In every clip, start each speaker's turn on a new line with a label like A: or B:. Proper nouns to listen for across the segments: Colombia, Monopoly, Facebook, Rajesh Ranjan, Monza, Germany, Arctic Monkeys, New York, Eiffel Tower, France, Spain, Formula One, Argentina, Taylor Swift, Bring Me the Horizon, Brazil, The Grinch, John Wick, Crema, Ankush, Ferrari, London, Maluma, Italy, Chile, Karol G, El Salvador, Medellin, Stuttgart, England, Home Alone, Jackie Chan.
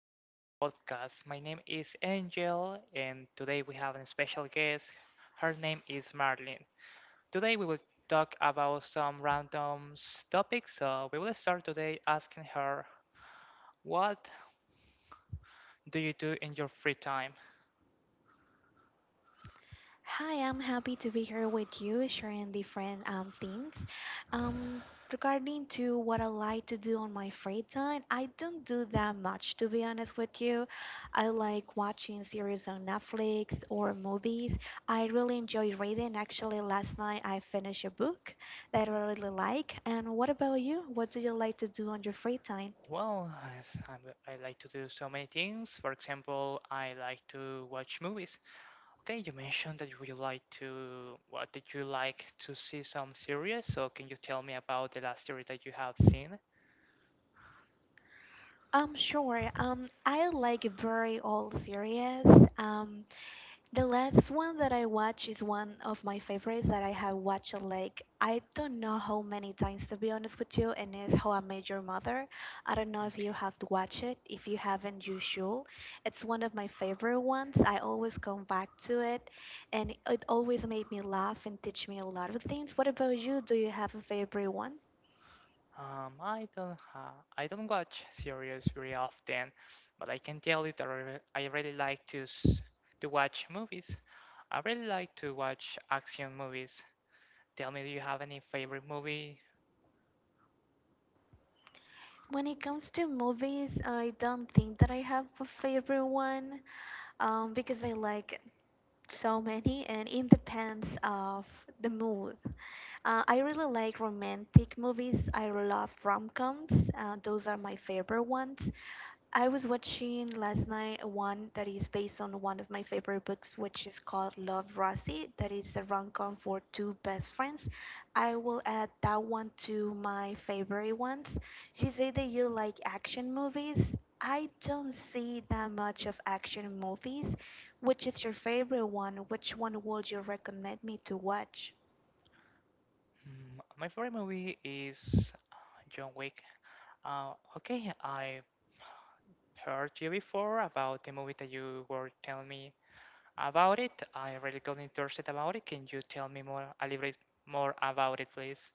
A: podcast. My name is Angel, and today we have a special guest. Her name is Marlene. Today we will talk about some random topics. So we will start today asking her, "What do you do in your free time?"
B: Hi, I'm happy to be here with you, sharing different things. Um, Regarding to what I like to do on my free time, I don't do that much, to be honest with you. I like watching series on Netflix or movies. I really enjoy reading. Actually, last night I finished a book that I really like. And what about you? What do you like to do on your free time?
A: Well, as I'm, I like to do so many things. For example, I like to watch movies. Okay, you mentioned that you would like to, what did you like to see some series? So can you tell me about the last series that you have seen?
B: Sure. I like very old series. Um, The last one that I watch is one of my favorites that I have watched like I don't know how many times, to be honest with you, and it's How I Met Your Mother. I don't know if you
A: Okay.
B: have to watch it. If you haven't, you should. It's one of my favorite ones. I always come back to it, and it always made me laugh and teach me a lot of things. What about you? Do you have a favorite one?
A: I don't watch series very often, but I can tell you that I really like to watch movies. I really like to watch action movies. Tell me, do you have any favorite movie?
B: When it comes to movies, I don't think that I have a favorite one, because I like so many, and it depends of the mood. I really like romantic movies. I love rom-coms. Uh, those are my favorite ones. I was watching last night one that is based on one of my favorite books, which is called Love Rosie. That is a rom-com for two best friends. I will add that one to my favorite ones. She said that you like action movies. I don't see that much of action movies. Which is your favorite one? Which one would you recommend me to watch?
A: My favorite movie is John Wick. Okay, I heard you before about the movie that you were telling me about it. I really got interested about it. Can you tell me more, a little bit more about it, please?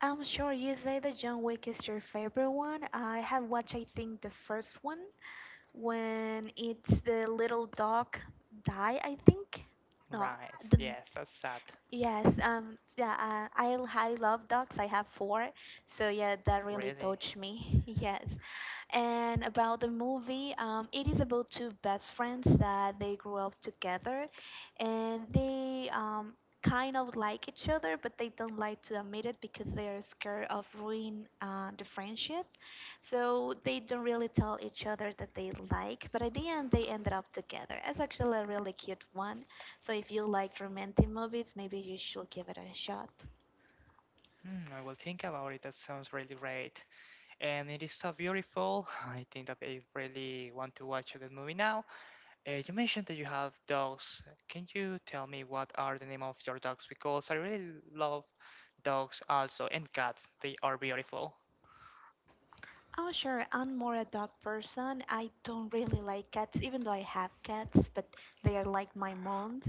B: I'm sure you say that John Wick is your favorite one. I have watched, I think, the first one. When it's the little dog die? I think. No,
A: Right.
B: the,
A: Yes, that's sad.
B: yes. Yeah. I love dogs. I have four, so yeah, that really
A: Really.
B: touched me. Yes. And about the movie, it is about two best friends that they grew up together, and they kind of like each other, but they don't like to admit it because they are scared of ruin the friendship, so they don't really tell each other that they like, but at the end they ended up together. It's actually a really cute one. So if you like romantic movies, maybe you should give it a shot.
A: I will think about it. That sounds really great. And it is so beautiful. I think that I really want to watch that movie now. You mentioned that you have dogs. Can you tell me what are the name of your dogs? Because I really love dogs also and cats. They are beautiful.
B: Oh, sure, I'm more a dog person. I don't really like cats, even though I have cats, but they are like my mom's.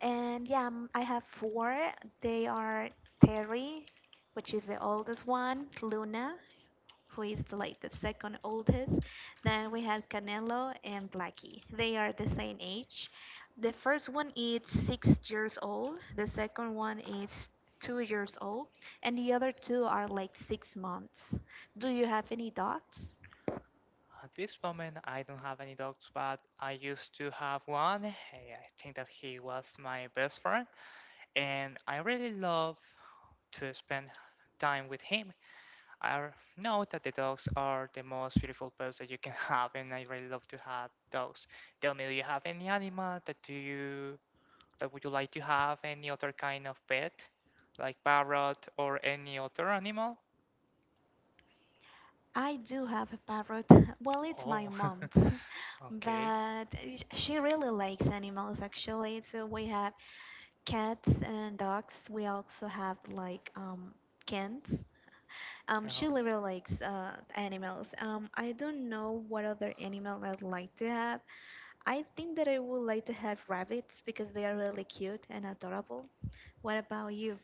B: And yeah, I have four. They are Terry, which is the oldest one, Luna, who is like the second oldest. Then we have Canelo and Blackie. They are the same age. The first one is 6 years old, the second one is 2 years old, and the other two are like 6 months. Do you have any dogs?
A: At this moment, I don't have any dogs, but I used to have one. Hey, I think that he was my best friend, and I really love to spend time with him. I know that the dogs are the most beautiful pets that you can have, and I really love to have dogs. Tell me, do you have any animal that would you like to have? Any other kind of pet, like parrot or any other animal?
B: I do have a parrot. Well, it's my
A: Oh,
B: mom's,
A: okay.
B: but she really likes animals actually. So we have cats and dogs. We also have like cats. She
A: Oh,
B: really likes animals. I don't know what other animal I'd like to have. I think that I would like to have rabbits because they are really cute and adorable. What about you?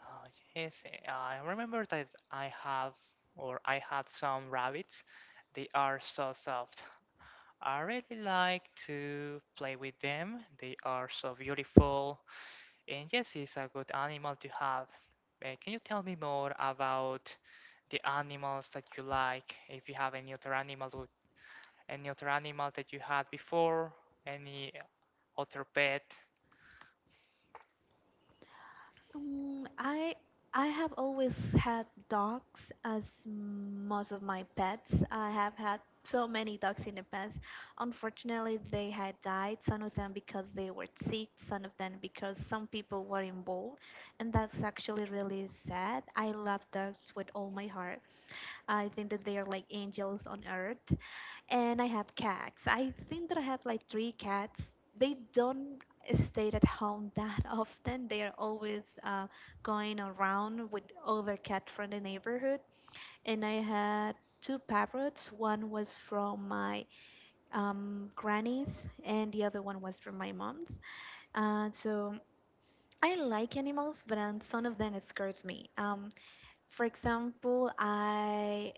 A: Oh, yes, I remember that I have or I had some rabbits. They are so soft. I really like to play with them. They are so beautiful. And yes, it's a good animal to have. Can you tell me more about the animals that you like? If you have any other animal, any other animal that you had before, any other pet?
B: Um, I I have always had dogs as most of my pets. I have had so many dogs in the past. Unfortunately, they had died. Some of them because they were sick. Some of them because some people were involved, and that's actually really sad. I love dogs with all my heart. I think that they are like angels on earth, and I have cats. I think that I have like three cats. They don't stay at home that often. They are always going around with other cats from the neighborhood. And I had two parrots. One was from my granny's, and the other one was from my mom's. So I like animals, but some of them scares me. For example, I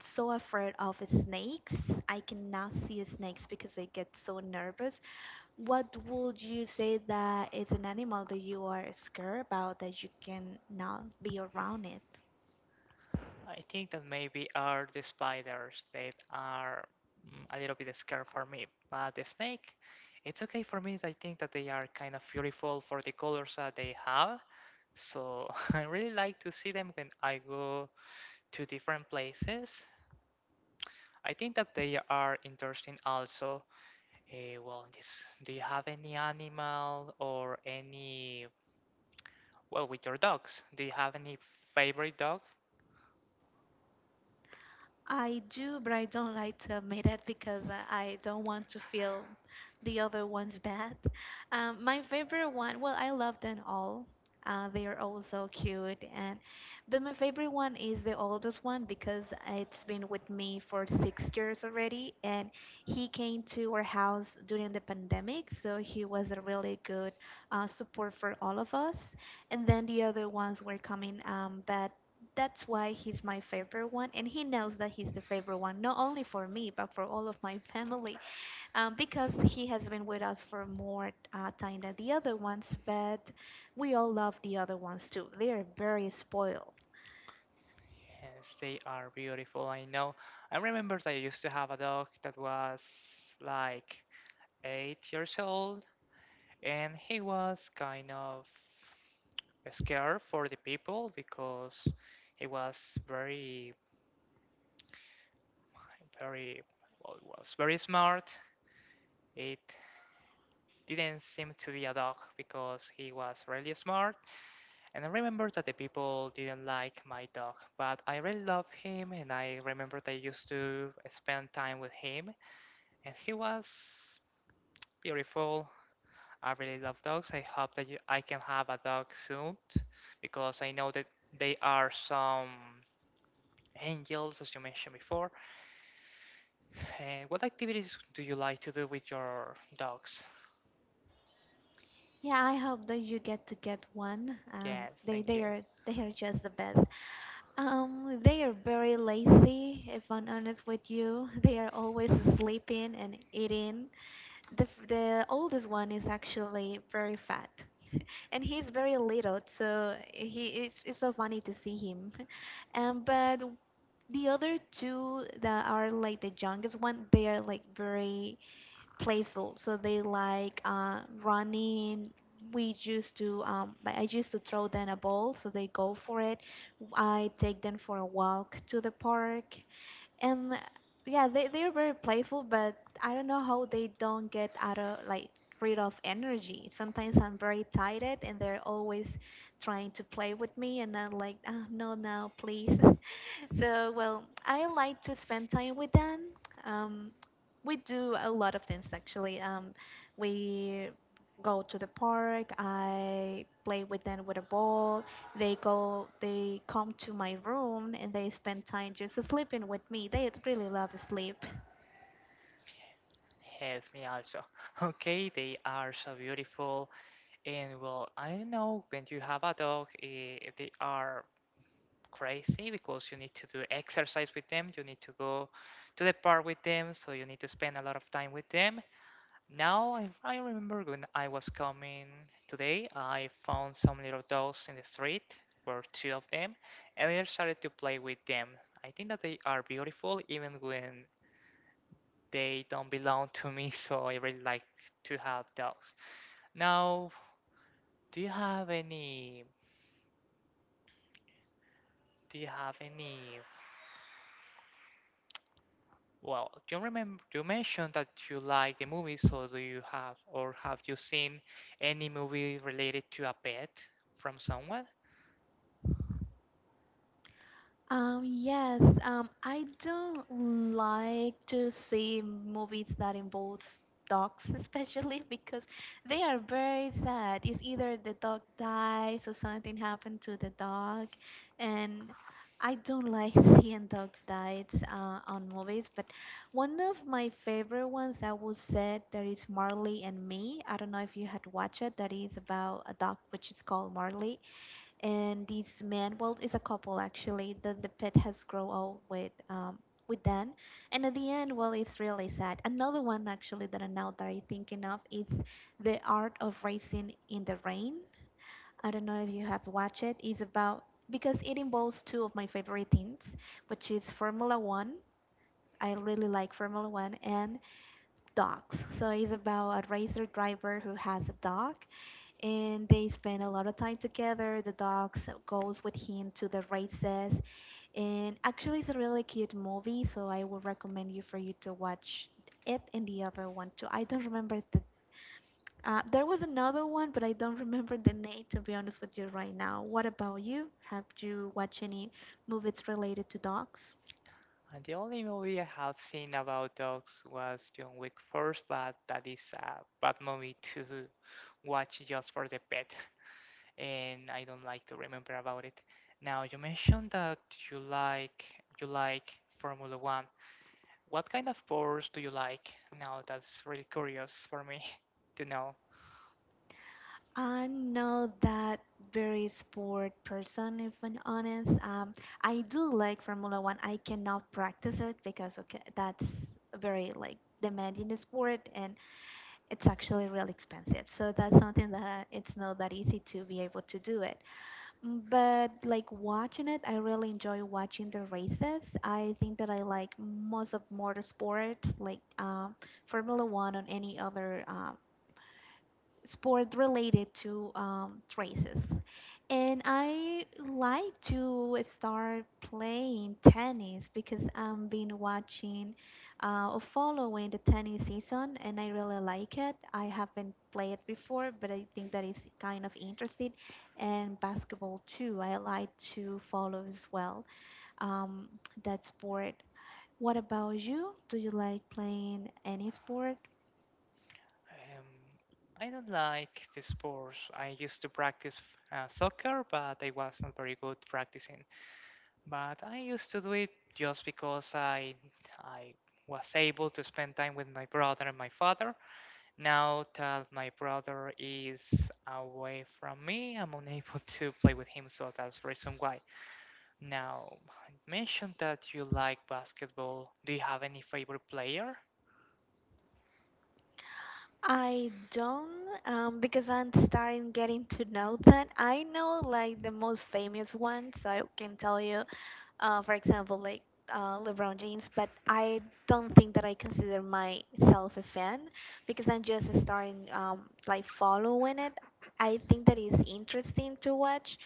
B: so afraid of snakes. I cannot see snakes because I get so nervous. What would you say that is an animal that you are scared about that you cannot be around it?
A: I think that maybe are the spiders that are a little bit scared for me. But the snake, it's okay for me. I think that they are kind of beautiful for the colors that they have. So I really like to see them when I go to different places. I think that they are interesting also. Well, do you have any animal or any, well, with your dogs? Do you have any favorite dog?
B: I do, but I don't like to admit it because I don't want to feel the other ones bad. My favorite one, well, I love them all. They are all so cute, and but my favorite one is the oldest one because it's been with me for 6 years already, and he came to our house during the pandemic, so he was a really good support for all of us. And then the other ones were coming, but that's why he's my favorite one, and he knows that he's the favorite one, not only for me, but for all of my family, because he has been with us for more time than the other ones, but we all love the other ones too. They are very spoiled.
A: Yes, they are beautiful. I know. I remember that I used to have a dog that was like 8 years old, and he was kind of scared for the people because he was very, very, well, he was very smart. It didn't seem to be a dog because he was really smart. And I remember that the people didn't like my dog, but I really love him, and I remember that I used to spend time with him and he was beautiful. I really love dogs. I hope that I can have a dog soon because I know that they are some angels, as you mentioned before. What activities do you like to do with your dogs?
B: Yeah, I hope that you get to get one. Um,
A: Yes,
B: they,
A: thank
B: they
A: you.
B: are they are just the best. They are very lazy, if I'm honest with you. They are always sleeping and eating. The oldest one is actually very fat, and he's very little, so it's so funny to see him. And but the other two that are like the youngest one, they are like very playful, so they like running. We used to um, like i used to throw them a ball, so they go for it. I take them for a walk to the park, and yeah, they're very playful, but I don't know how they don't get out of like rid of energy. Sometimes I'm very tired, and they're always trying to play with me, and I'm like, oh, no, no, please. So, well, I like to spend time with them. Um, we do a lot of things actually. We go to the park. I play with them with a ball. They come to my room, and they spend time just sleeping with me. They really love sleep.
A: Yes, me also. Okay, they are so beautiful. And well, I know when you have a dog, they are crazy because you need to do exercise with them, you need to go to the park with them, so you need to spend a lot of time with them. Now, I remember when I was coming today, I found some little dogs in the street, were two of them, and I started to play with them. I think that they are beautiful even when they don't belong to me, so I really like to have dogs. Now, do you have any do you have any Well, you remember you mentioned that you like the movie, so do you have or have you seen any movie related to a pet from someone?
B: Yes, I don't like to see movies that involve dogs, especially because they are very sad. It's either the dog dies or something happened to the dog, and I don't like seeing dogs died on movies. But one of my favorite ones I would say that is Marley and Me. I don't know if you had watched it. That is about a dog which is called Marley, and this man, well, it's a couple actually, that the pet has grown old with them, and at the end, well, it's really sad. Another one actually that I know that I'm thinking of is The Art of Racing in the Rain. I don't know if you have watched it. It's about, because it involves two of my favorite things, which is Formula One. I really like Formula One and dogs, so it's about a racer driver who has a dog, and they spend a lot of time together. The dog goes with him to the races, and actually, it's a really cute movie. So I would recommend you for you to watch it, and the other one too. I don't remember the. There was another one, but I don't remember the name, to be honest with you, right now. What about you? Have you watched any movies related to dogs?
A: And the only movie I have seen about dogs was John Wick First, but that is a bad movie to watch just for the pet, and I don't like to remember about it. Now, you mentioned that you like you like Formula One. What kind of cars do you like? Now, that's really curious for me to know.
B: I'm not that very sport person, if I'm honest. I do like Formula One. I cannot practice it because, okay, that's very like demanding the sport, and it's actually really expensive. So that's something that it's not that easy to be able to do it. But like watching it, I really enjoy watching the races. I think that I like most of motorsports, like Formula One, or any other sport related to traces. And I like to start playing tennis because I've been watching or following the tennis season, and I really like it. I haven't played it before, but I think that is kind of interesting. And basketball too, I like to follow as well, um, that sport. What about you? Do you like playing any sport?
A: Um, I don't like the sports. I used to practice soccer, but I was not very good practicing. But I used to do it just because I was able to spend time with my brother and my father. Now that my brother is away from me, I'm unable to play with him, so that's the reason why. Now, you mentioned that you like basketball. Do you have any favorite player?
B: I don't, because I'm starting getting to know that. I know like the most famous ones, so I can tell you, for example, like LeBron James, but I don't think that I consider myself a fan because I'm just starting like following it. I think that is interesting to watch,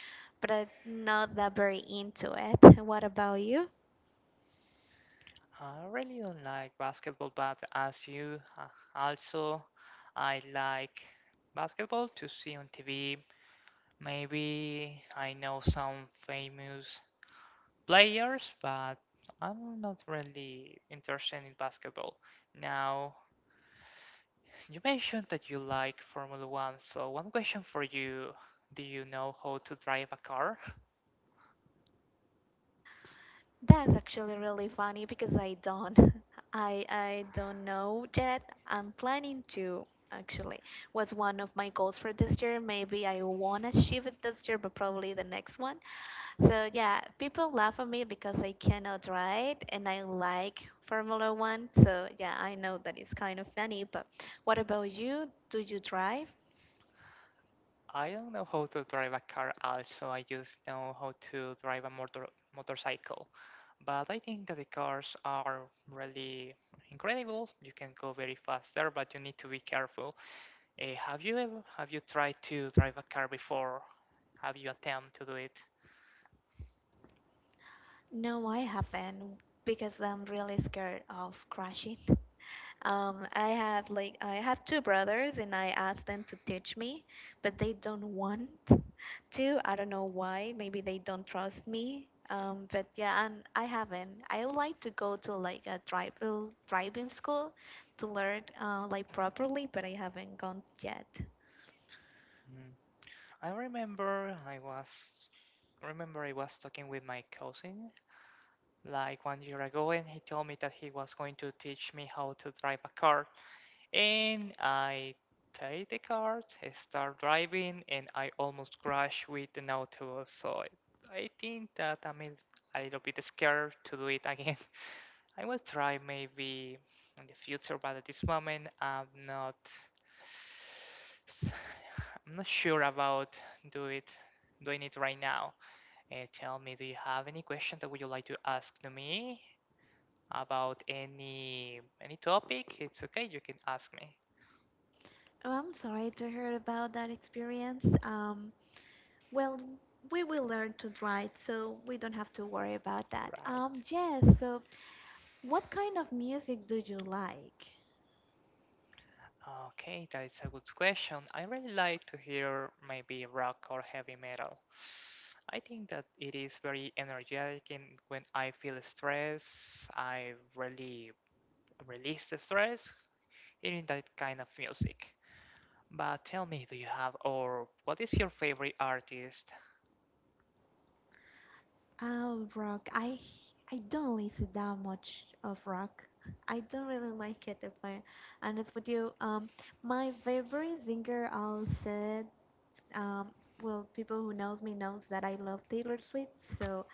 B: but I'm not that very into it. What about you?
A: I really don't like basketball, but as you also, I like basketball to see on TV. Maybe I know some famous players, but I'm not really interested in basketball. Now, you mentioned that you like Formula One, so one question for you. Do you know how to drive a car?
B: That's actually really funny because I don't. I don't know yet. I'm planning to actually. Was one of my goals for this year. Maybe I won't achieve it this year, but probably the next one. So, yeah, people laugh at me because I cannot ride and I like Formula One. So, yeah, I know that it's kind of funny, but what about you? Do you drive?
A: I don't know how to drive a car also. I just know how to drive a motorcycle. But I think that the cars are really incredible. You can go very fast there, but you need to be careful. Have you ever have you tried to drive a car before? Have you attempt to do it?
B: No, I haven't, because I'm really scared of crashing. I have two brothers and I asked them to teach me, but they don't want to. I don't know why. Maybe they don't trust me. But, yeah, and I haven't. I would like to go to like a tribal driving school to learn like properly, but I haven't gone yet.
A: Mm. I remember I was talking with my cousin like one year ago, and he told me that he was going to teach me how to drive a car. And I take the car, I start driving, and I almost crash with an autobus. So I think that I'm a little bit scared to do it again. I will try maybe in the future, but at this moment I'm not. s- I'm not sure about do it doing it right now. Tell me, do you have any question that would you like to ask to me about any topic? It's okay, you can ask me.
B: Oh, I'm sorry to hear about that experience. Well, we will learn to drive, so we don't have to worry about that.
A: Right.
B: Yes. So, what kind of music do you like?
A: Okay, that is a good question. I really like to hear maybe rock or heavy metal. I think that it is very energetic, and when I feel stress, I really release the stress hearing that kind of music. But tell me, do you have, or what is your favorite artist?
B: Oh, rock. I don't listen that much of rock. I don't really like it, if I honest with you. My favorite singer, I'll say, um, well, people who knows me knows that I love Taylor Swift, so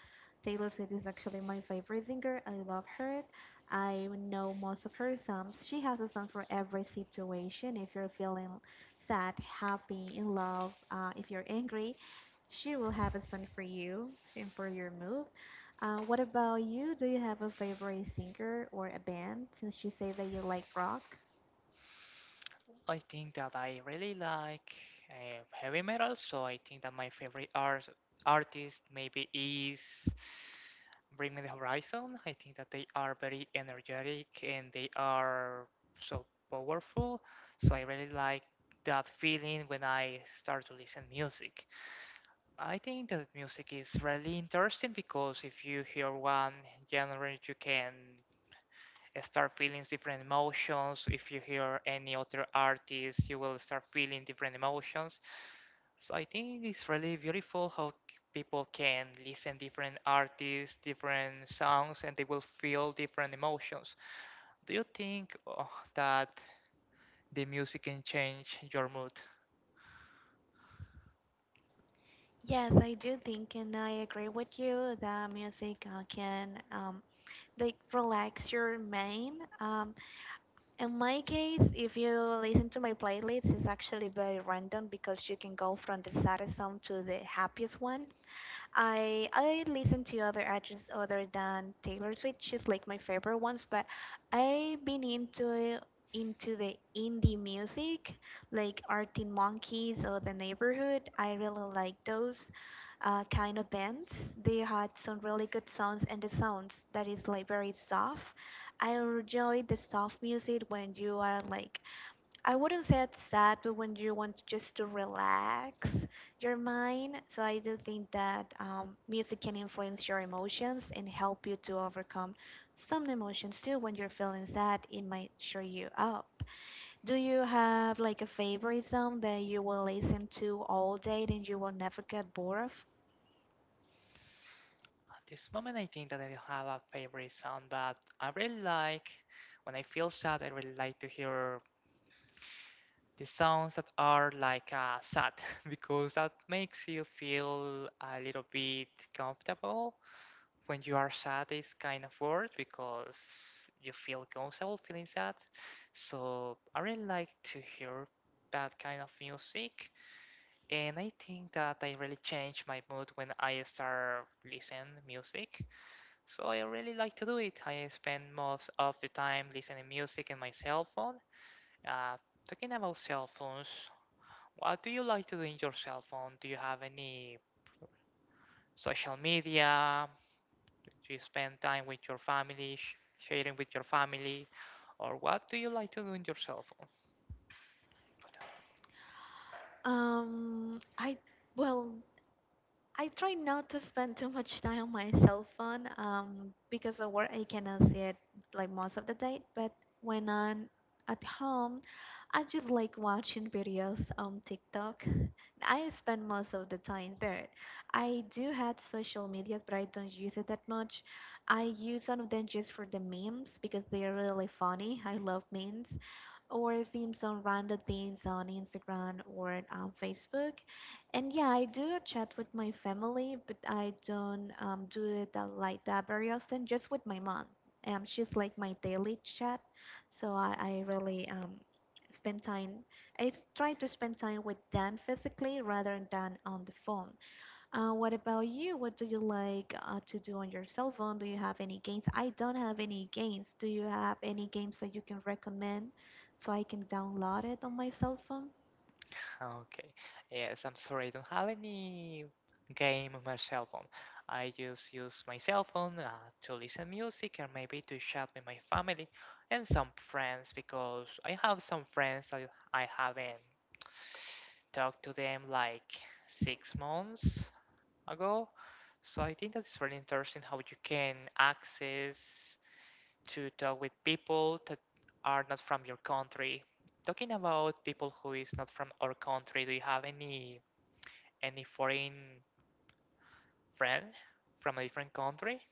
B: Taylor Swift is actually my favorite singer. I love her. I know most of her songs. She has a song for every situation. If you're feeling sad, happy, in love, if you're angry, she will have a song for you and for your mood. What about you? Do you have a favorite singer or a band? Since you say that you like rock.
A: I think that I really like heavy metal, so I think that my favorite artist maybe is Bring Me the Horizon. I think that they are very energetic and they are so powerful. So I really like that feeling when I start to listen music. I think that music is really interesting because if you hear one genre, you can start feeling different emotions. If you hear any other artist, you will start feeling different emotions. So I think it's really beautiful how people can listen different artists, different songs, and they will feel different emotions. Do you think that the music can change your mood?
B: Yes, I do think, and I agree with you, that music can, like, relax your mind. In my case, if you listen to my playlist, it's actually very random, because you can go from the saddest song to the happiest one. I listen to other artists other than Taylor Swift. She's like my favorite ones, but I've been into the indie music, like Arctic Monkeys or The Neighborhood. I really like those kind of bands. They had some really good songs, and the sounds that is like very soft. I enjoy the soft music when you are, like, I wouldn't say it's sad, but when you want just to relax your mind. So I do think that music can influence your emotions and help you to overcome some emotions too. When you're feeling sad, it might cheer you up. Do you have like a favorite song that you will listen to all day and you will never get bored of?
A: At this moment, I think that I don't have a favorite song, but I really like when I feel sad. I really like to hear the sounds that are like sad because that makes you feel a little bit comfortable. When you are sad is kind of weird because you feel comfortable feeling sad, so I really like to hear that kind of music. And I think that I really change my mood when I start listening music, so I really like to do it. I spend most of the time listening music in my cell phone. uh, Talking about cell phones, what do you like to do in your cell phone? Do you have any social media? Do you spend time with your family, sharing with your family? Or what do you like to do in your cell phone?
B: I well, I try not to spend too much time on my cell phone, because of work I cannot see it like most of the day. But when I'm at home, I just like watching videos on TikTok. I spend most of the time there. I do have social media, but I don't use it that much. I use some of them just for the memes, because they are really funny. I love memes, or seeing some random things on Instagram or on Facebook. And yeah, I do chat with my family, but I don't, do it that, that very often, just with my mom. She's like my daily chat, so I really spend time. I try to spend time with them physically rather than on the phone. What about you? What do you like to do on your cell phone? Do you have any games? I don't have any games. Do you have any games that you can recommend so I can download it on my cell phone?
A: Okay, yes, I'm sorry, I don't have any game on my cell phone. I just use my cell phone to listen music and maybe to chat with my family and some friends because I have some friends that I haven't talked to them like 6 months ago. So I think that's really interesting how you can access to talk with people that are not from your country. Talking about people who is not from our country, do you have any foreign friend from a different country?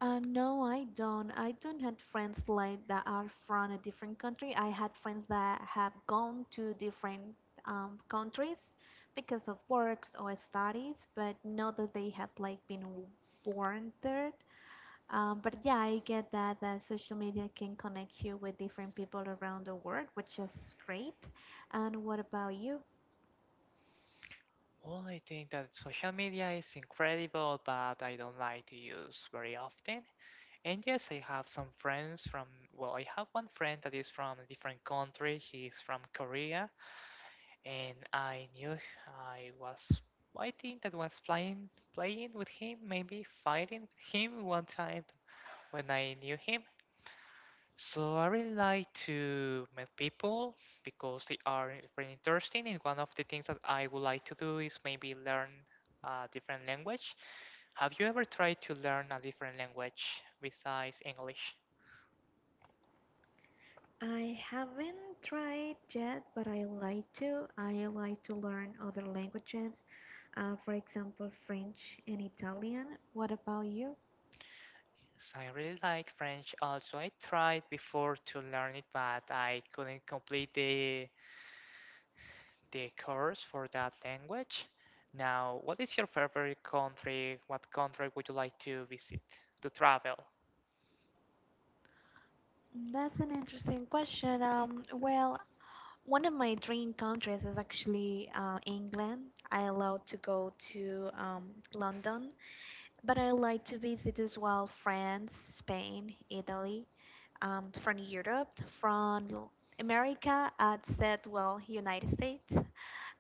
B: No, I don't. I don't have friends like that are from a different country. I had friends that have gone to different countries because of works or studies, but not that they have like been born there. But, yeah, I get that social media can connect you with different people around the world, which is great. And what about you?
A: Well, I think that social media is incredible, but I don't like to use very often. And yes, I have some friends from, well, I have one friend that is from a different country. He's from Korea and I knew I was fighting, that was playing with him, maybe fighting with him one time when I knew him. So I really like to meet people because they are very interesting, and one of the things that I would like to do is maybe learn a different language. Have you ever tried to learn a different language besides English?
B: I haven't tried yet, but I like to. I like to learn other languages, for example, French and Italian. What about you?
A: Yes, I really like French also. I tried before to learn it, but I couldn't complete the course for that language. Now, what is your favorite country? What country would you like to visit, to travel?
B: That's an interesting question. Well, one of my dream countries is actually England. I love to go to London. But I like to visit as well France, Spain, Italy, from Europe. From America, I'd said, well, United States.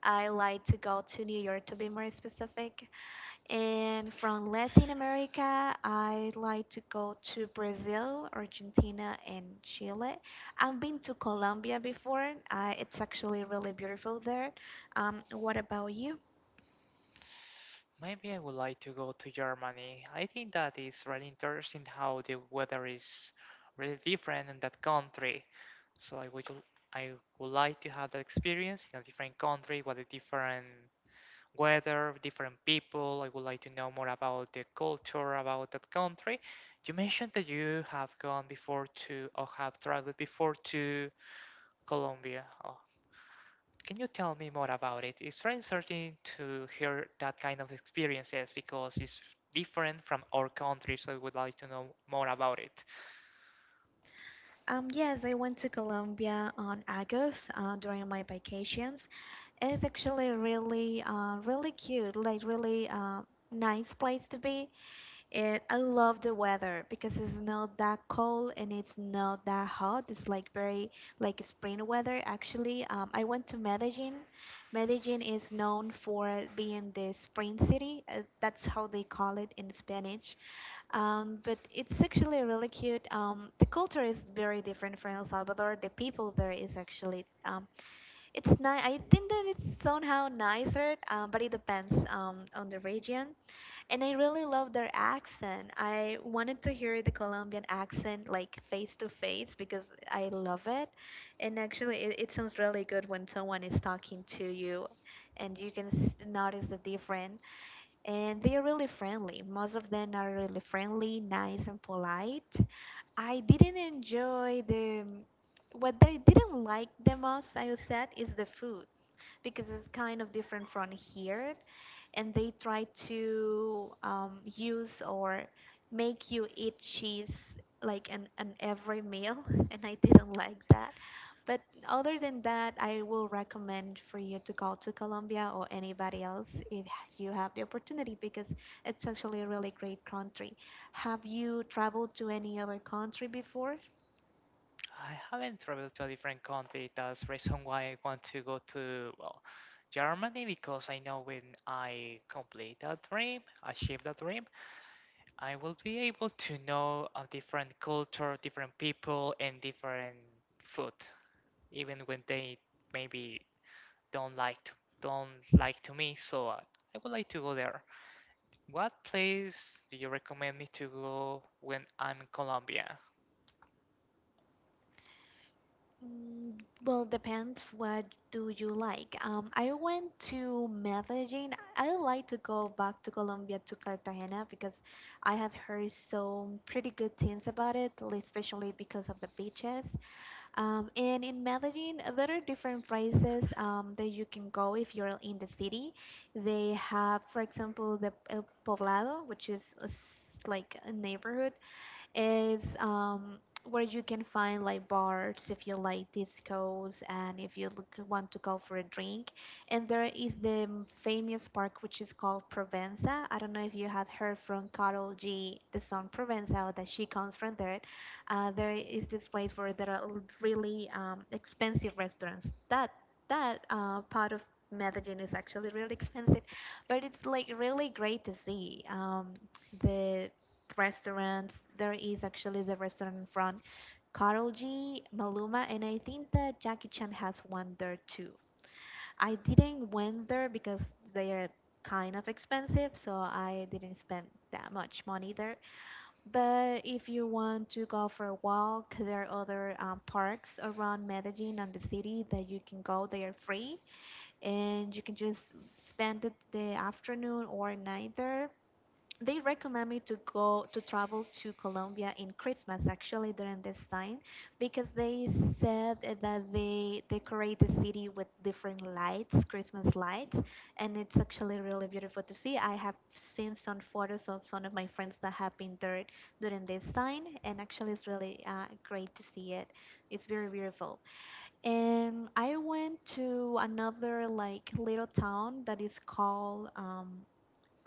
B: I like to go to New York, to be more specific. And from Latin America, I like to go to Brazil, Argentina, and Chile. I've been to Colombia before. It's actually really beautiful there. What about you?
A: Maybe I would like to go to Germany. I think that is really interesting how the weather is really different in that country. So I would like to have that experience in a different country, with a different weather, different people. I would like to know more about the culture about that country. You mentioned that you have gone before to or have traveled before to Colombia. Oh, can you tell me more about it? It's very interesting to hear that kind of experiences because it's different from our country, so I would like to know more about it.
B: Yes, I went to Colombia on August, during my vacations. It's actually really cute, like really nice place to be. It, I love the weather because it's not that cold and it's not that hot. It's like very like spring weather, actually. I went to Medellin. Medellin is known for being the spring city. That's how they call it in Spanish. But it's actually really cute. The culture is very different from El Salvador. The people there is actually it's nice. I think that it's somehow nicer, but it depends on the region. And I really love their accent. I wanted to hear the Colombian accent like face to face, because I love it. And actually, it sounds really good when someone is talking to you, and you can notice the difference, and they're really friendly. Most of them are really friendly, nice, and polite. I didn't enjoy the what I didn't like the most, I said, is the food, because it's kind of different from here and they try to use or make you eat cheese like in every meal and I didn't like that but other than that I will recommend for you to go to colombia or anybody else if you have the opportunity because it's actually a really great country. Have you traveled to any other country before?
A: I haven't traveled to a different country. That's the reason why I want to go to, well, Germany, because I know when I complete that dream, achieve that dream, I will be able to know a different culture, different people, and different food, even when they maybe don't like to, don't like to me. So I would like to go there. What place do you recommend me to go when I'm in Colombia?
B: Mm, Well, depends. What do you like? I went to Medellin. I would like to go back to Colombia, to Cartagena, because I have heard some pretty good things about it, especially because of the beaches. And in Medellin, there are different places that you can go if you're in the city. They have, for example, the El Poblado, which is a like a neighborhood, it's where you can find like bars if you like discos and if you look, want to go for a drink. And there is the famous park which is called Provenza. I don't know if you have heard from Carol G, the song Provenza, or that she comes from there. There is this place where there are really expensive restaurants. That part of Medellin is actually really expensive, but it's like really great to see. The restaurants. There is actually the restaurant in front, Karol G, Maluma, and I think that Jackie Chan has one there too. I didn't went there because they are kind of expensive, so I didn't spend that much money there. But if you want to go for a walk, there are other parks around Medellin and the city that you can go. They are free, and you can just spend the afternoon or night there. They recommend me to go to travel to Colombia in Christmas, actually during this time, because they said that they decorate the city with different lights, Christmas lights, and it's actually really beautiful to see. I have seen some photos of some of my friends that have been there during this time, and actually it's really great to see it. It's very beautiful. And I went to another like little town that is called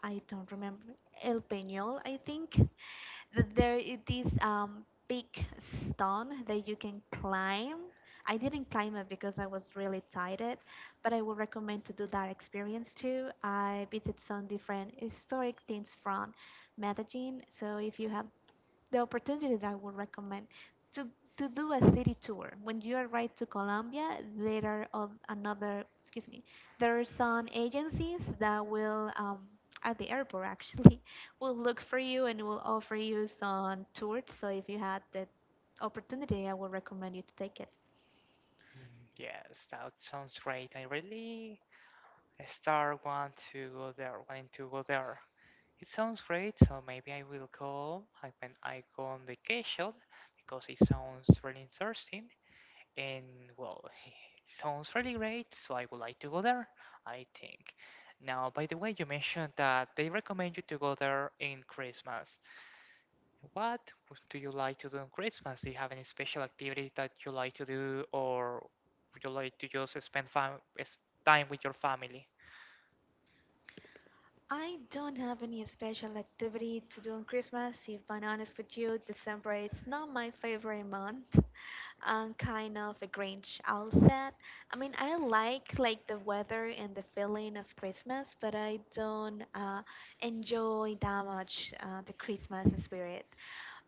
B: I don't remember, El Peñol, I think. That there is this big stone that you can climb. I didn't climb it because I was really tired, but I would recommend to do that experience too. I visited some different historic things from Medellin, so if you have the opportunity that I would recommend to to do a city tour. When you arrive to Colombia, there are of- another excuse me, there are some agencies that will at the airport actually will look for you and will offer you some tours. So if you had the opportunity, I would recommend you to take it.
A: Hmm. Yes, that sounds great. I really Star want to go there, wanting to go there. It sounds great, so maybe I will go like when I go on vacation because it sounds really interesting and well, it sounds really great, so I would like to go there, I think. Now, by the way, you mentioned that they recommend you to go there in Christmas. What do you like to do on Christmas? Do you have any special activities that you like to do, or would you like to just spend s- time with your family?
B: I don't have any special activity to do on Christmas. If I'm honest with you, December it's not my favorite month. I'm kind of a Grinch outfit. I mean, I like the weather and the feeling of Christmas, but I don't enjoy that much the Christmas spirit.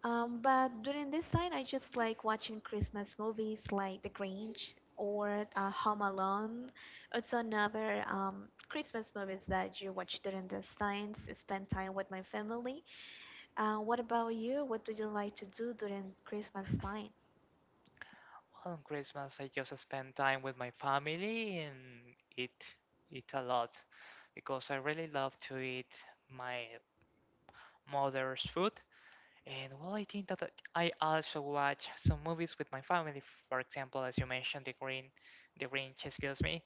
B: But during this time, I just like watching Christmas movies like The Grinch or Home Alone. It's another Christmas movies that you watch during these times, spend time with my family. What about you? What do you like to do during Christmas time?
A: Well, on Christmas, I just spend time with my family and eat eat a lot because I really love to eat my mother's food. And well, I think that I also watch some movies with my family. For example, as you mentioned, The Grinch, excuse me.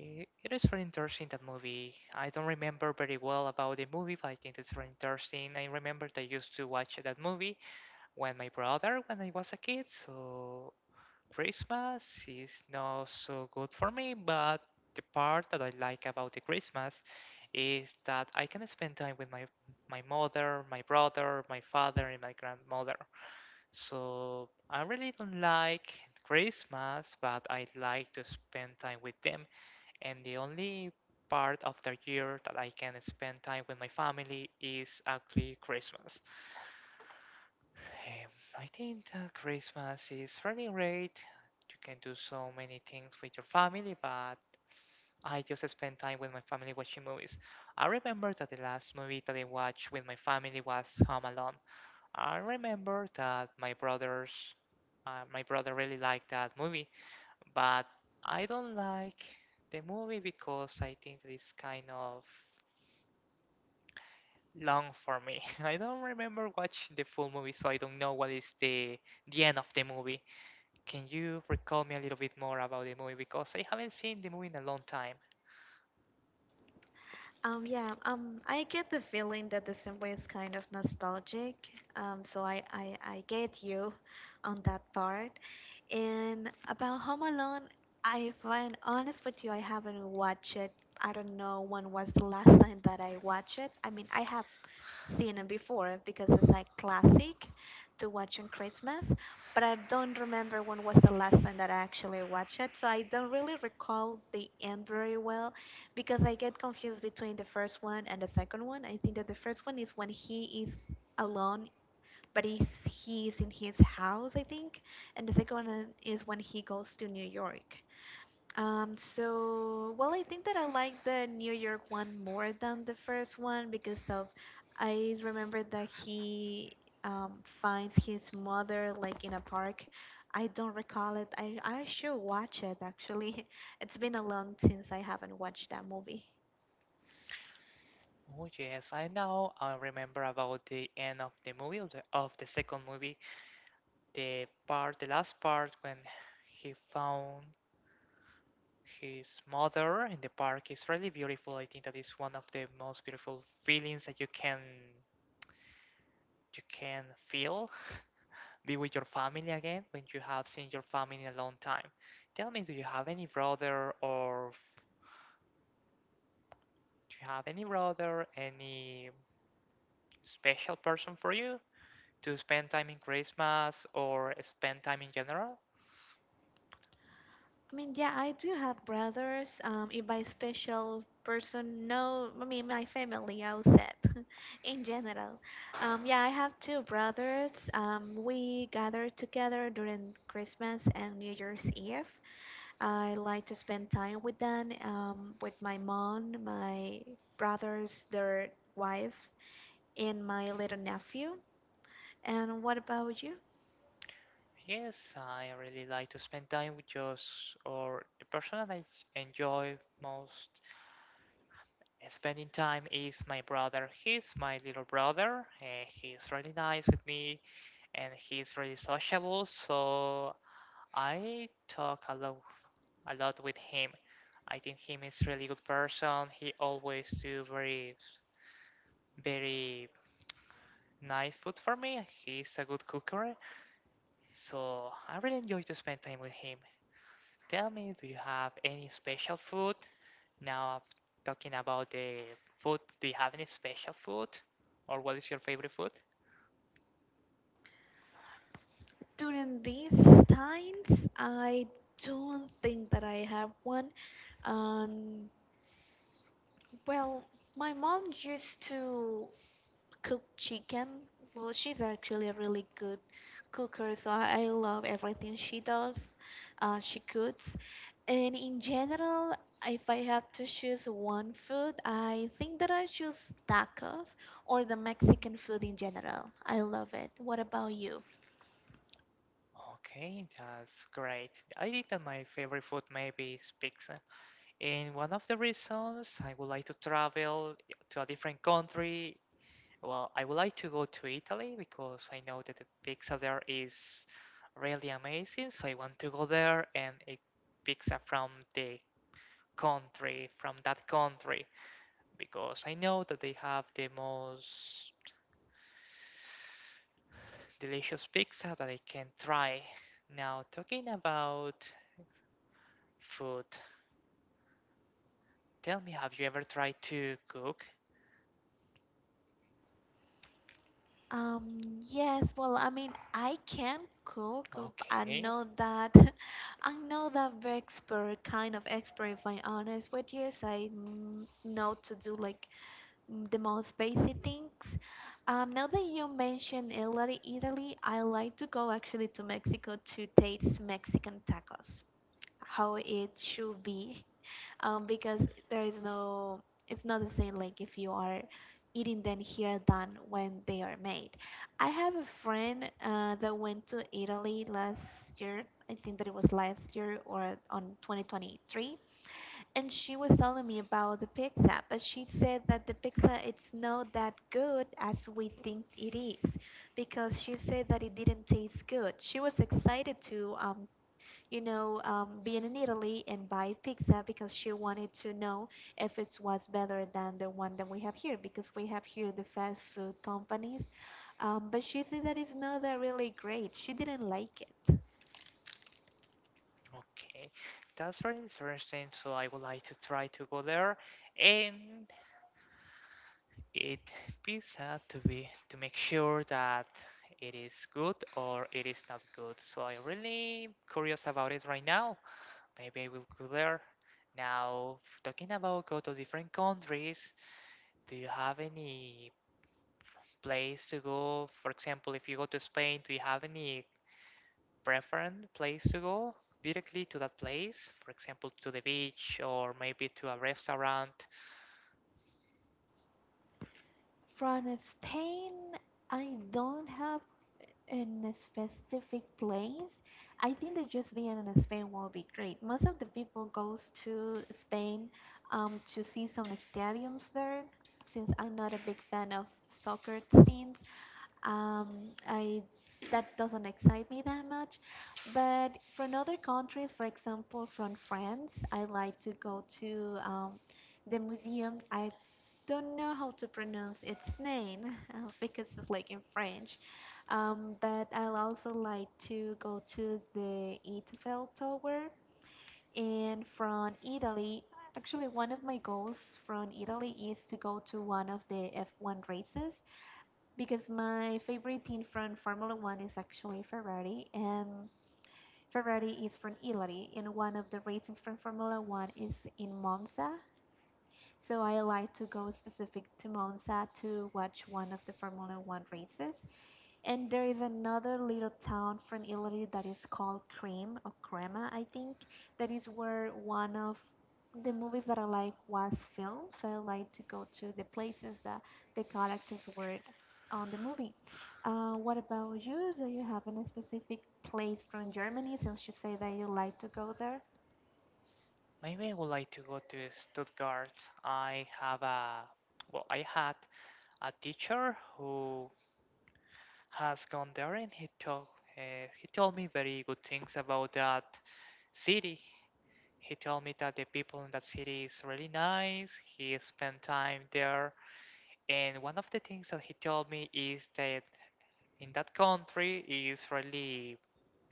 A: It is very interesting, that movie. I don't remember very well about the movie, but I think it's very interesting. I remember that I used to watch that movie when when I was a kid. So Christmas is not so good for me, but the part that I like about the Christmas is that I can spend time with my mother, my brother, my father, and my grandmother. So I really don't like Christmas, but I like to spend time with them. And the only part of the year that I can spend time with my family is actually Christmas. Um, I think that Christmas is very great. You can do so many things with your family, but I just spend time with my family watching movies. I remember that the last movie that I watched with my family was Home Alone. I remember that my brother really liked that movie, but I don't like the movie because I think it's kind of long for me. I don't remember watching the full movie, so I don't know what is the end of the movie. Can you recall me a little bit more about the movie? Because I haven't seen the movie in a long time.
B: Yeah, I get the feeling that December is kind of nostalgic. So I get you on that part. And about Home Alone, if I'm honest with you, I haven't watched it. I don't know when was the last time that I watched it. I mean, I have seen it before because it's like classic to watch on Christmas, but I don't remember when was the last time that I actually watched it, so I don't really recall the end very well because I get confused between the first one and the second one. I think that the first one is when he is alone, but he is in his house, I think, and the second one is when he goes to New York. So, well, I think that I like the New York one more than the first one because of I remember that he finds his mother like in a park. I don't recall it. I should watch it actually. It's been a long since I haven't watched that movie.
A: Oh yes, I know. I remember about the end of the movie, of the second movie, the last part when he found his mother in the park, is really beautiful. I think that is one of the most beautiful feelings that you can feel. Be with your family again when you have seen your family in a long time. Tell me, do you have any brother or Do you have any brother, any special person for you to spend time in Christmas or spend time in general?
B: I mean, yeah, I do have brothers. If by special person, no, I mean my family, I'll set in general. Yeah, I have two brothers. We gather together during Christmas and New Year's Eve. I like to spend time with them, with my mom, my brothers, their wife, and my little nephew. And what about you?
A: Yes, I really like to spend time with just or the person that I enjoy most spending time is my brother. He's my little brother. He's really nice with me and he's really sociable, so I talk a lot with him. I think him is really good person. He always do very nice food for me. He's a good cooker, so I really enjoy to spend time with him. Tell me, do you have any special food? Now, talking about the food, do you have any special food? Or what is your favorite food?
B: During these times, I don't think that I have one. Um, well, my mom used to cook chicken. Well, she's actually a really good cooker, so I love everything she does. She cooks. And in general, if I had to choose one food, I think that I choose tacos or the Mexican food in general. I love it. What about you?
A: Okay, that's great. I think that my favorite food maybe is pizza. And one of the reasons I would like to travel to a different country, well, I would like to go to Italy because I know that the pizza there is really amazing. So I want to go there and eat pizza from the country, from that country, because I know that they have the most delicious pizza that I can try. Now, talking about food, tell me, have you ever tried to cook?
B: Yes, well, I mean, I can cook. I'm
A: Okay,
B: not that, I'm not that very expert kind of expert, if I'm honest with you. So I know to do like the most basic things. Now that you mentioned Italy, I like to go actually to Mexico to taste Mexican tacos, how it should be, because there is no, it's not the same like if you are eating them here than when they are made. I have a friend that went to Italy last year. I think that it was last year or on 2023, and she was telling me about the pizza, but she said that the pizza it's not that good as we think it is because she said that it didn't taste good. She was excited to being in Italy and buy pizza because she wanted to know if it was better than the one that we have here because we have here the fast food companies. But she said that it's not that really great. She didn't like it.
A: okay. That's very interesting. So I would like to try to go there. And It pizza to be to make sure that it is good or it is not good. So I'm really curious about it right now. Maybe I will go there. Now, talking about go to different countries, do you have any place to go? For example, if you go to Spain, do you have any preferred place to go directly to that place? For example, to the beach or maybe to a restaurant.
B: From Spain, I don't have in a specific place. I think that just being in Spain will be great. Most of the people goes to Spain to see some stadiums there since I'm not a big fan of soccer teams. I That doesn't excite me that much. But from other countries, for example, from France, I like to go to the museum. I don't know how to pronounce its name because it's like in French. But I also like to go to the Eiffel Tower. And from Italy, actually, one of my goals from Italy is to go to one of the F1 races because my favorite team from Formula One is actually Ferrari, and Ferrari is from Italy, and one of the races from Formula One is in Monza. So I like to go specific to Monza to watch one of the Formula One races. And there is another little town from Italy that is called Cream or Crema, I think. That is where one of the movies that I like was filmed. So I like to go to the places that the characters were on the movie. What about you? Do you have any specific place from Germany since you say that you like to go there?
A: Maybe I would like to go to Stuttgart. I have a, well, I had a teacher who has gone there and he told me very good things about that city. He told me that the people in that city is really nice. He spent time there. And one of the things that he told me is that in that country is really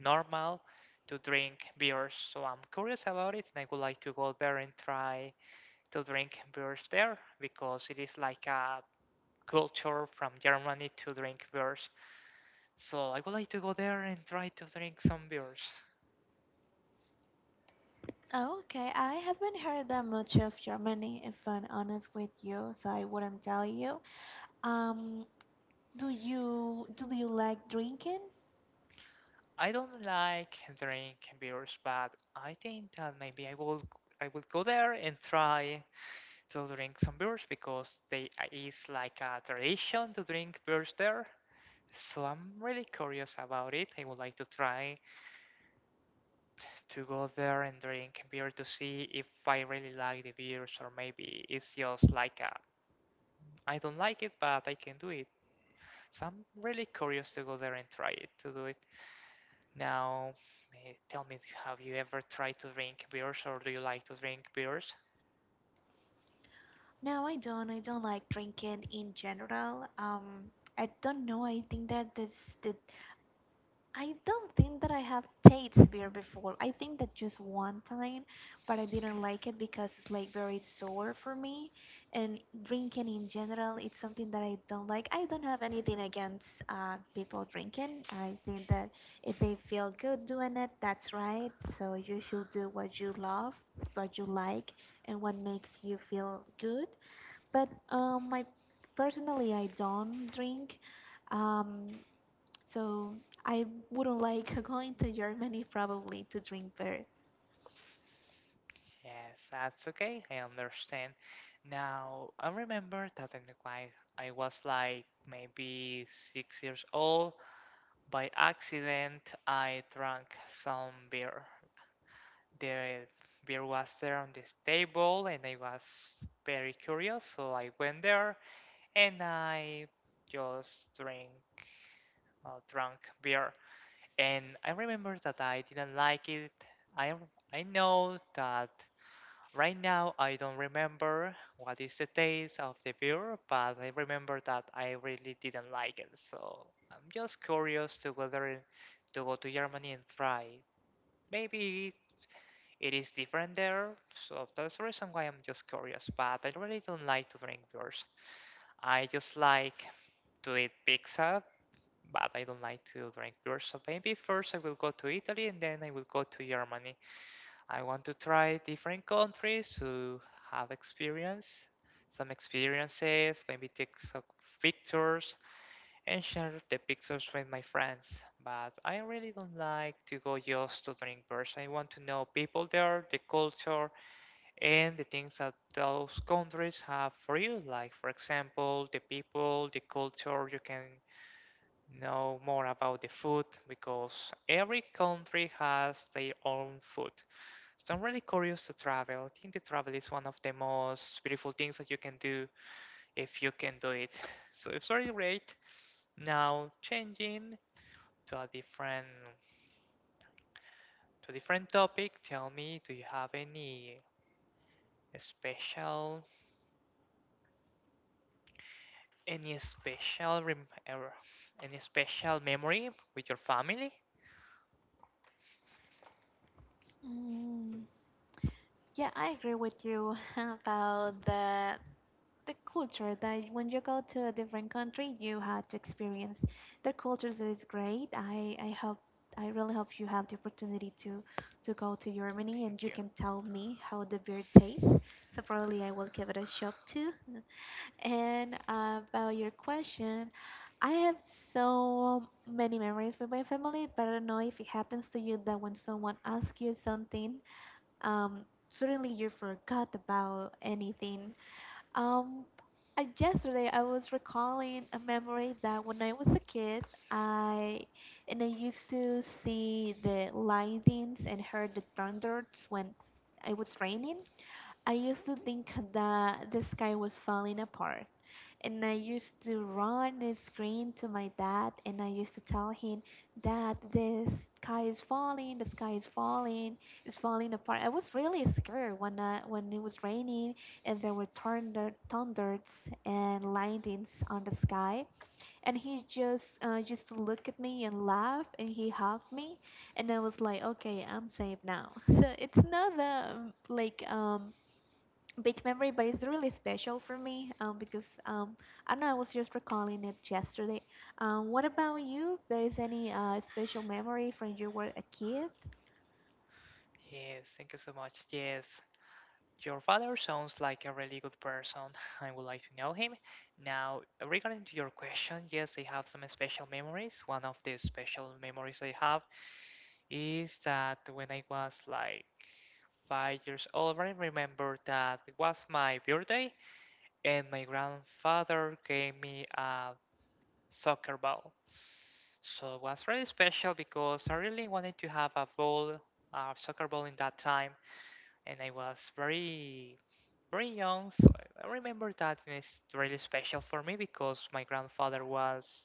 A: normal to drink beers. So I'm curious about it and I would like to go there and try to drink beers there because it is like a culture from Germany to drink beers. So I would like to go there and try to drink some beers.
B: Oh, okay. I haven't heard that much of Germany, if I'm honest with you, so I wouldn't tell you. Um, do you like drinking?
A: I don't like drink beers, but I think that maybe I will go there and try to drink some beers because they is like a tradition to drink beers there. So I'm really curious about it. I would like to try to go there and drink beer to see if I really like the beers or maybe it's just like a I don't like it but I can do it. So I'm really curious to go there and try it to do it. Now, tell me, have you ever tried to drink beers or do you like to drink beers?
B: No, I don't. I don't like drinking in general. I don't know. I think that this that I don't think that I have tasted beer before. I think that just one time, but I didn't like it because it's like very sour for me. And drinking in general, it's something that I don't like. I don't have anything against people drinking. I think that if they feel good doing it, that's right. So you should do what you love, what you like, and what makes you feel good, but my personally, I don't drink, um, so I wouldn't like going to Germany probably to drink beer.
A: Yes, that's okay. I understand. Now, I remember that when I was like maybe 6 years old, by accident, I drank some beer. There beer was there on this table and I was very curious, so I went there and I just drink drank beer. And I remember that I didn't like it. I know that right now I don't remember what is the taste of the beer, but I remember that I really didn't like it. So I'm just curious to whether to go to Germany and try. Maybe it is different there, so that's the reason why I'm just curious. But I really don't like to drink beers. I just like to eat pizza, but I don't like to drink beer. So maybe first I will go to Italy and then I will go to Germany. I want to try different countries to have experience, some experiences, maybe take some pictures and share the pictures with my friends. But I really don't like to go just to drink beers. I want to know people there, the culture, and the things that those countries have for you. Like, for example, the people, the culture, you can know more about the food because every country has their own food. So I'm really curious to travel. I think the travel is one of the most beautiful things that you can do if you can do it. So it's very great. Now changing to a different to a different topic, tell me, do you have any special Any special rem any special memory with your family?
B: Mm, yeah, I agree with you about the culture that when you go to a different country, you have to experience their cultures is great. I really hope you have the opportunity to go to Germany and
A: Thank
B: you
A: you.
B: can tell me how the beer tastes. So probably I will give it a shot too. And about your question, I have so many memories with my family, but I don't know if it happens to you that when someone asks you something, suddenly you forgot about anything. Um, Yesterday I was recalling a memory that when I was a kid, I I used to see the lightnings and heard the thunders when it was raining. I used to think that the sky was falling apart. And I used to run and scream to my dad, and I used to tell him, Dad, the sky is falling, the sky is falling, it's falling apart. I was really scared when when it was raining and there were thunders and lightnings on the sky. And he just used to look at me and laugh, and he hugged me, and I was like, okay, I'm safe now. So it's not the like big memory, but it's really special for me, because I know. I was just recalling it yesterday. What about you? If there is any special memory from you were a kid?
A: Yes, thank you so much. Yes, your father sounds like a really good person. I would like to know him. Now, regarding to your question, yes, I have some special memories. One of the special memories I have is that when I was like 5 years old, I remember that it was my birthday, and my grandfather gave me a soccer ball. So it was really special because I really wanted to have a ball, a soccer ball in that time, and I was very, very young. So I remember that, and it's really special for me because my grandfather was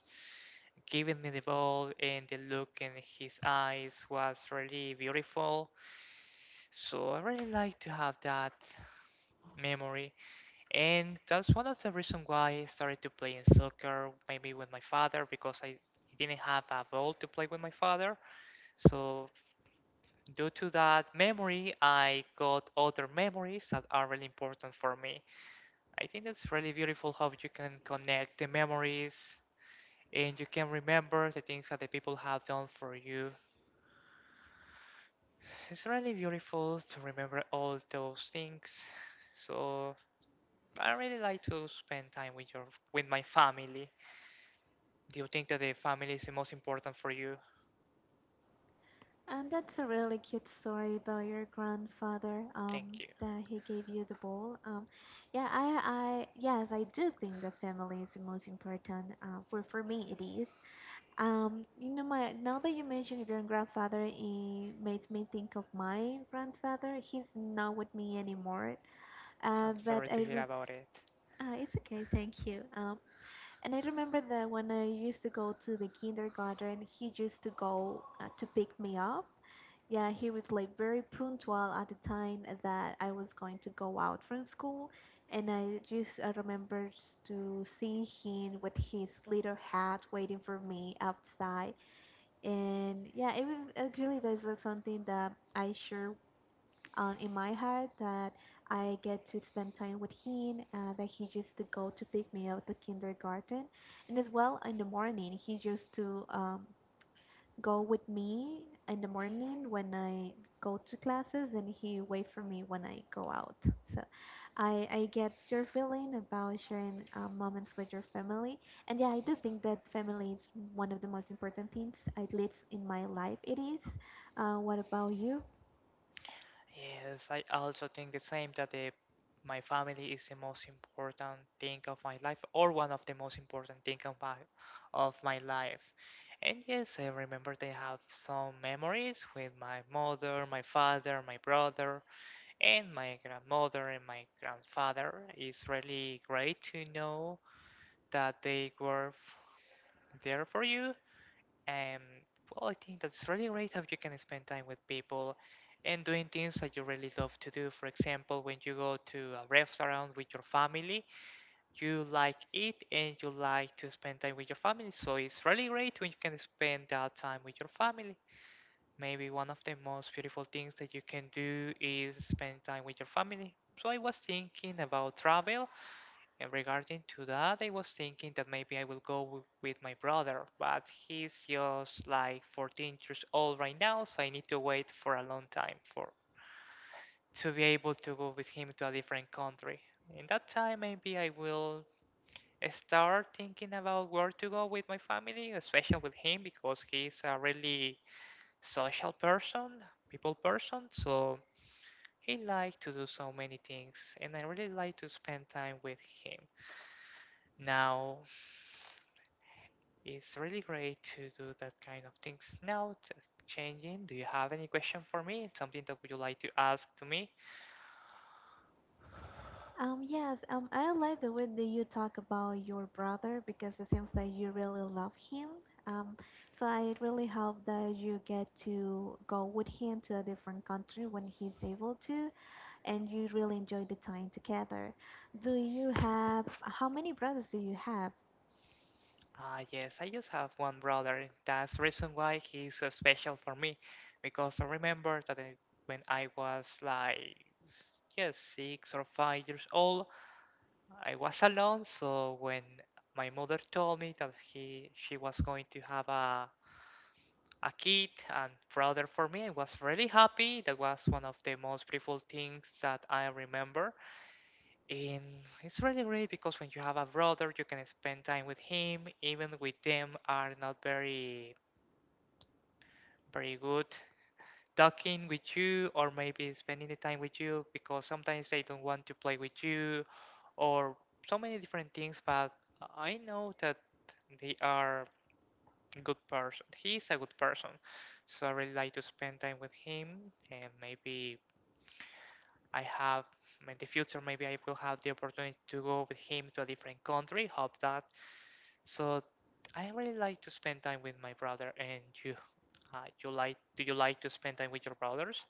A: giving me the ball, and the look in his eyes was really beautiful. So I really like to have that memory, and that's one of the reasons why I started to play in soccer, maybe with my father, because I didn't have a ball to play with my father. So due to that memory, I got other memories that are really important for me. I think it's really beautiful how you can connect the memories and you can remember the things that the people have done for you. It's really beautiful to remember all those things. So I really like to spend time with your with my family. Do you think that the family is the most important for you?
B: That's a really cute story about your grandfather. Um,
A: Thank you.
B: that he gave you the ball. Yeah, yes, I do think the family is the most important. For me, it is. You know, my Now that you mentioned your grandfather, it makes me think of my grandfather. He's not with me anymore.
A: I'm
B: But
A: sorry to hear about it.
B: it's okay, thank you. And I remember that when I used to go to the kindergarten, he used to go to pick me up. Yeah, he was like very punctual at the time that I was going to go out from school, and I remember to see him with his little hat waiting for me outside. And yeah, it was actually that's like something that I share in my heart that I get to spend time with him, that he used to go to pick me up at the kindergarten. And as well, in the morning, he used to go with me in the morning when I go to classes, and he wait for me when I go out. So I get your feeling about sharing moments with your family. And yeah, I do think that family is one of the most important things, at least in my life it is. What about you?
A: Yes, I also think the same that my family is the most important thing of my life, or one of the most important thing of my life. And yes, I remember they have some memories with my mother, my father, my brother, and my grandmother and my grandfather. It's really great to know that they were there for you. um, well, I think that's really great how you can spend time with people and doing things that you really love to do. For example, when you go to a restaurant with your family, you like it and you like to spend time with your family. So it's really great when you can spend that time with your family. Maybe one of the most beautiful things that you can do is spend time with your family. So I was thinking about travel and regarding to that, I was thinking that maybe I will go with my brother, but he's just like 14 years old right now, so I need to wait for a long time for to be able to go with him to a different country. In that time, maybe I will start thinking about where to go with my family, especially with him because he's a really social person, people person, so he likes to do so many things, and I really like to spend time with him. Now, it's really great to do that kind of things. Now, changing, do you have any question for me? Something that would you like to ask to me?
B: Yes, I like the way that you talk about your brother because it seems that you really love him. Um, so I really hope that you get to go with him to a different country when he's able to, and you really enjoy the time together. How many brothers do you have?
A: Ah, yes, I just have one brother. That's the reason why he's so special for me, because I remember that when I was like yes, 6 or 5 years old, I was alone. So when my mother told me that he she was going to have a kid and prouder for me, I was really happy. That was one of the most beautiful things that I remember. And it's really great because when you have a brother, you can spend time with him, even with them are not very, very good talking with you or maybe spending the time with you because sometimes they don't want to play with you or so many different things. But I know that they are good person. He is a good person. So I really like to spend time with him and maybe I have in the future maybe I will have the opportunity to go with him to a different country. Hope that. So I really like to spend time with my brother and uh, you like do you like to spend time with your brothers?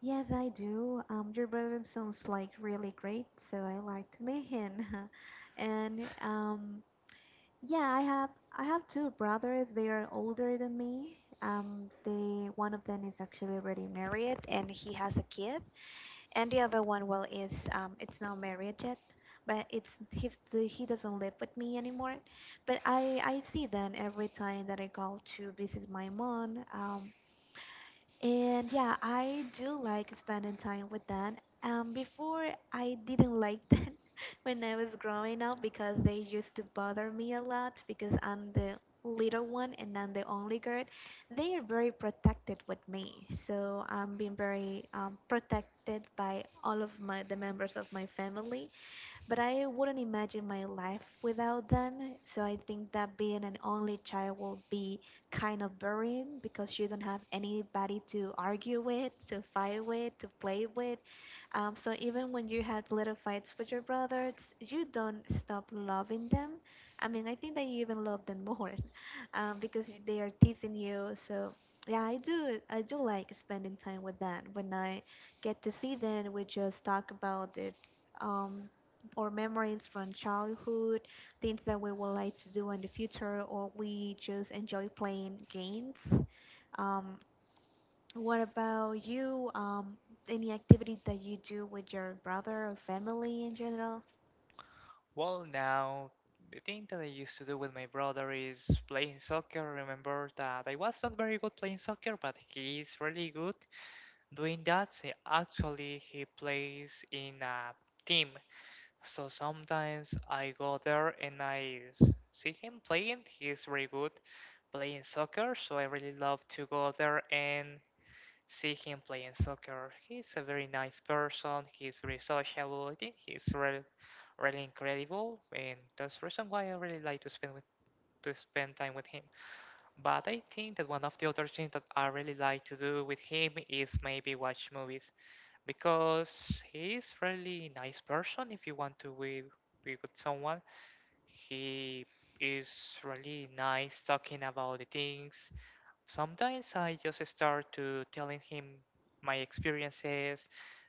B: Yes, I do. Your brother sounds like really great, so I like to meet him. And yeah, I have two brothers. They are older than me. They One of them is actually already married and he has a kid, and the other one, well, is it's not married yet, but he doesn't live with me anymore. But I see them every time that I go to visit my mom. And yeah, I do like spending time with them. Before I didn't like them when I was growing up because they used to bother me a lot because I'm the little one and I'm the only girl. They are very protected with me, so I'm being very protected by all of my the members of my family, but I wouldn't imagine my life without them. So I think that being an only child will be kind of boring because you don't have anybody to argue with, to fight with, to play with. So even when you had little fights with your brothers, you don't stop loving them. I mean, I think that you even love them more because they are teasing you. So yeah, I do. I do like spending time with them. When I get to see them, we just talk about the um, or memories from childhood, things that we would like to do in the future, or we just enjoy playing games. Um, what about you? Any activity that you do with your brother or family in general?
A: Well, now the thing that I used to do with my brother is playing soccer. Remember that I was not very good playing soccer, but he is really good doing that. He actually he plays in a team, so sometimes I go there and I see him playing. He's very good playing soccer, so I really love to go there and see him playing soccer. He's a very nice person, he's very sociable. I think he's really, really incredible, and that's the reason why I really like to spend with to spend time with him. But I think that one of the other things that I really like to do with him is maybe watch movies, because he's really nice person. If you want to be with someone, he is really nice talking about the things. Sometimes I just start to telling him my experiences,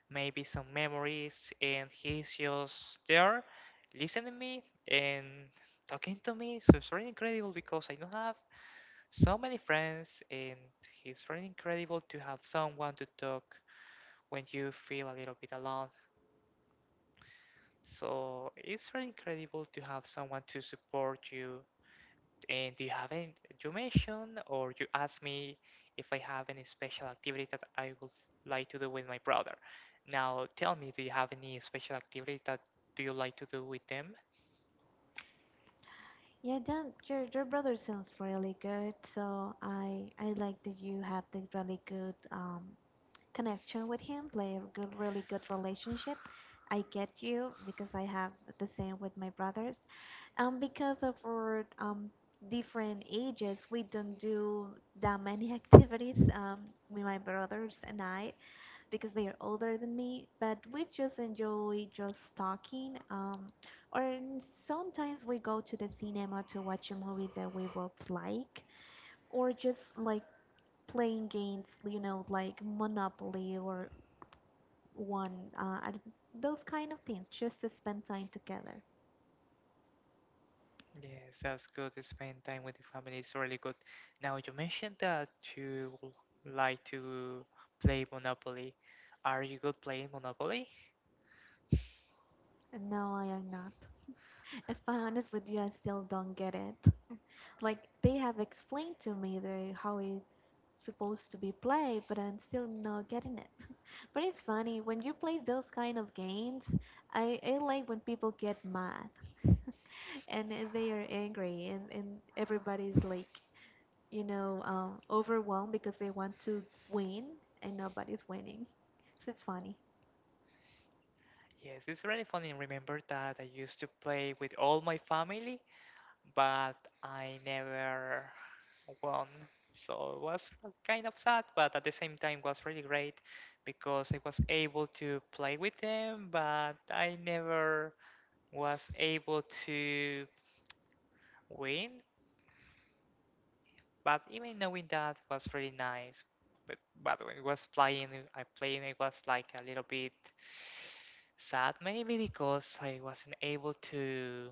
A: maybe some memories, and he's just there listening to me and talking to me. So it's really incredible because I don't have so many friends, and it's really incredible to have someone to talk when you feel a little bit alone. So it's really incredible to have someone to support you. And do you have any, you mentioned or you asked me if I have any special activity that I would like to do with my brother. Now tell me, do you have any special activity that do you like to do with them?
B: Yeah, Dan, your brother sounds really good. So I like that you have this really good connection with him, like a good, really good relationship. I get you because I have the same with my brothers. Because of our different ages, we don't do that many activities with my brothers and I because they are older than me. But we just enjoy just talking. Sometimes we go to the cinema to watch a movie that we both like, or just like playing games, you know, like Monopoly or one, uh, I d- those kind of things, just to spend time together.
A: Yes, that's good. Spend time with the family is really good. Now you mentioned that you like to play Monopoly. Are you good playing Monopoly?
B: No, I am not. If I'm honest with you, I still don't get it. Like, they have explained to me how it's supposed to be played, but I'm still not getting it. But it's funny, when you play those kind of games, I like when people get mad and they are angry, and everybody's like, you know, overwhelmed because they want to win, and nobody's winning. So it's funny.
A: Yes, it's really funny. Remember that I used to play with all my family, but I never won. So it was kind of sad, but at the same time was really great because I was able to play with them, but I never was able to win. But even knowing that was really nice. But but when I was playing, I playing it was like a little bit sad, maybe because I wasn't able to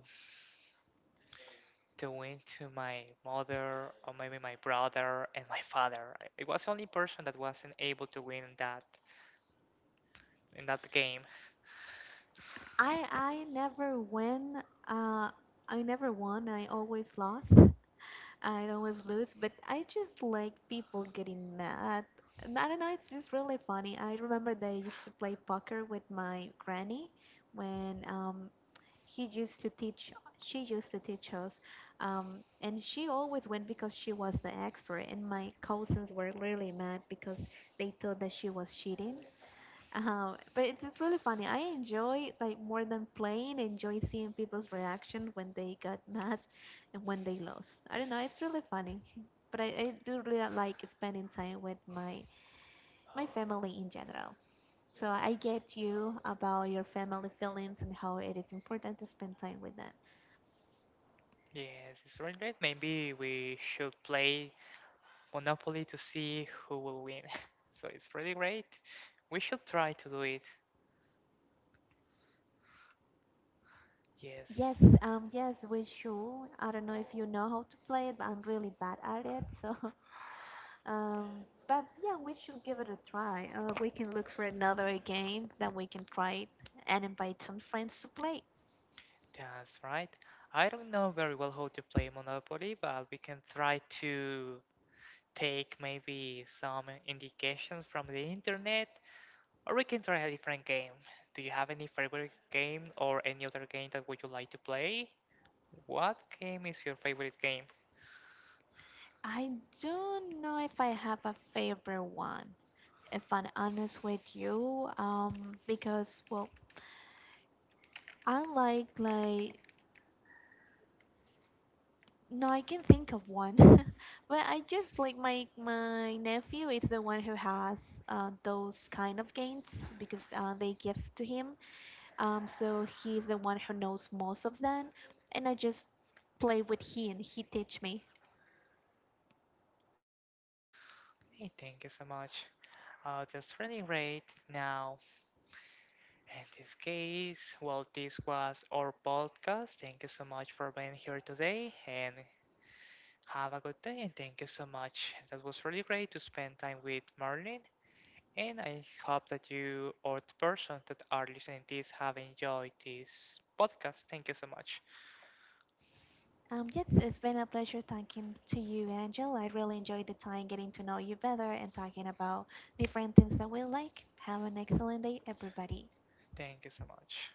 A: doing to my mother or maybe my brother and my father. I was the only person that wasn't able to win that in that game.
B: I never win. Uh, I never won. I always lost. I always lose, but I just like people getting mad. And I don't know, it's just really funny. I remember that I used to play poker with my granny when he used to teach she used to teach us and she always went because she was the expert and my cousins were really mad because they thought that she was cheating, but it's really funny. I enjoy, like, more than playing, enjoy seeing people's reaction when they got mad and when they lost. I don't know, it's really funny. But I do really like spending time with my family in general. So I get you about your family feelings and how it is important to spend time with them.
A: Yes, it's really great. Maybe we should play Monopoly to see who will win. So it's really great. We should try to do it. Yes,
B: Yes, yes, we should. I don't know if you know how to play it, but I'm really bad at it, so Um, but yeah, we should give it a try. We can look for another game that we can try it and invite some friends to play.
A: that's right. I don't know very well how to play Monopoly, but we can try to take maybe some indications from the internet. Or we can try a different game. Do you have any favorite game or any other game that would you like to play? What game is your favorite game?
B: I don't know if I have a favorite one, if I'm honest with you, because, well, I like, no, I can think of one, but I just like my nephew is the one who has those kind of games because they give to him. So he's the one who knows most of them, and I just play with him. He teach me.
A: Hey, thank you so much. Just running right now. In this case, well, this was our podcast. Thank you so much for being here today and have a good day. And thank you so much. That was really great to spend time with Marlene. And I hope that you or the person that are listening to this have enjoyed this podcast. Thank you so much.
B: Yes, it's been a pleasure talking to you, Angel. I really enjoyed the time getting to know you better and talking about different things that we like. Have an excellent day, everybody.
A: Thank you so much.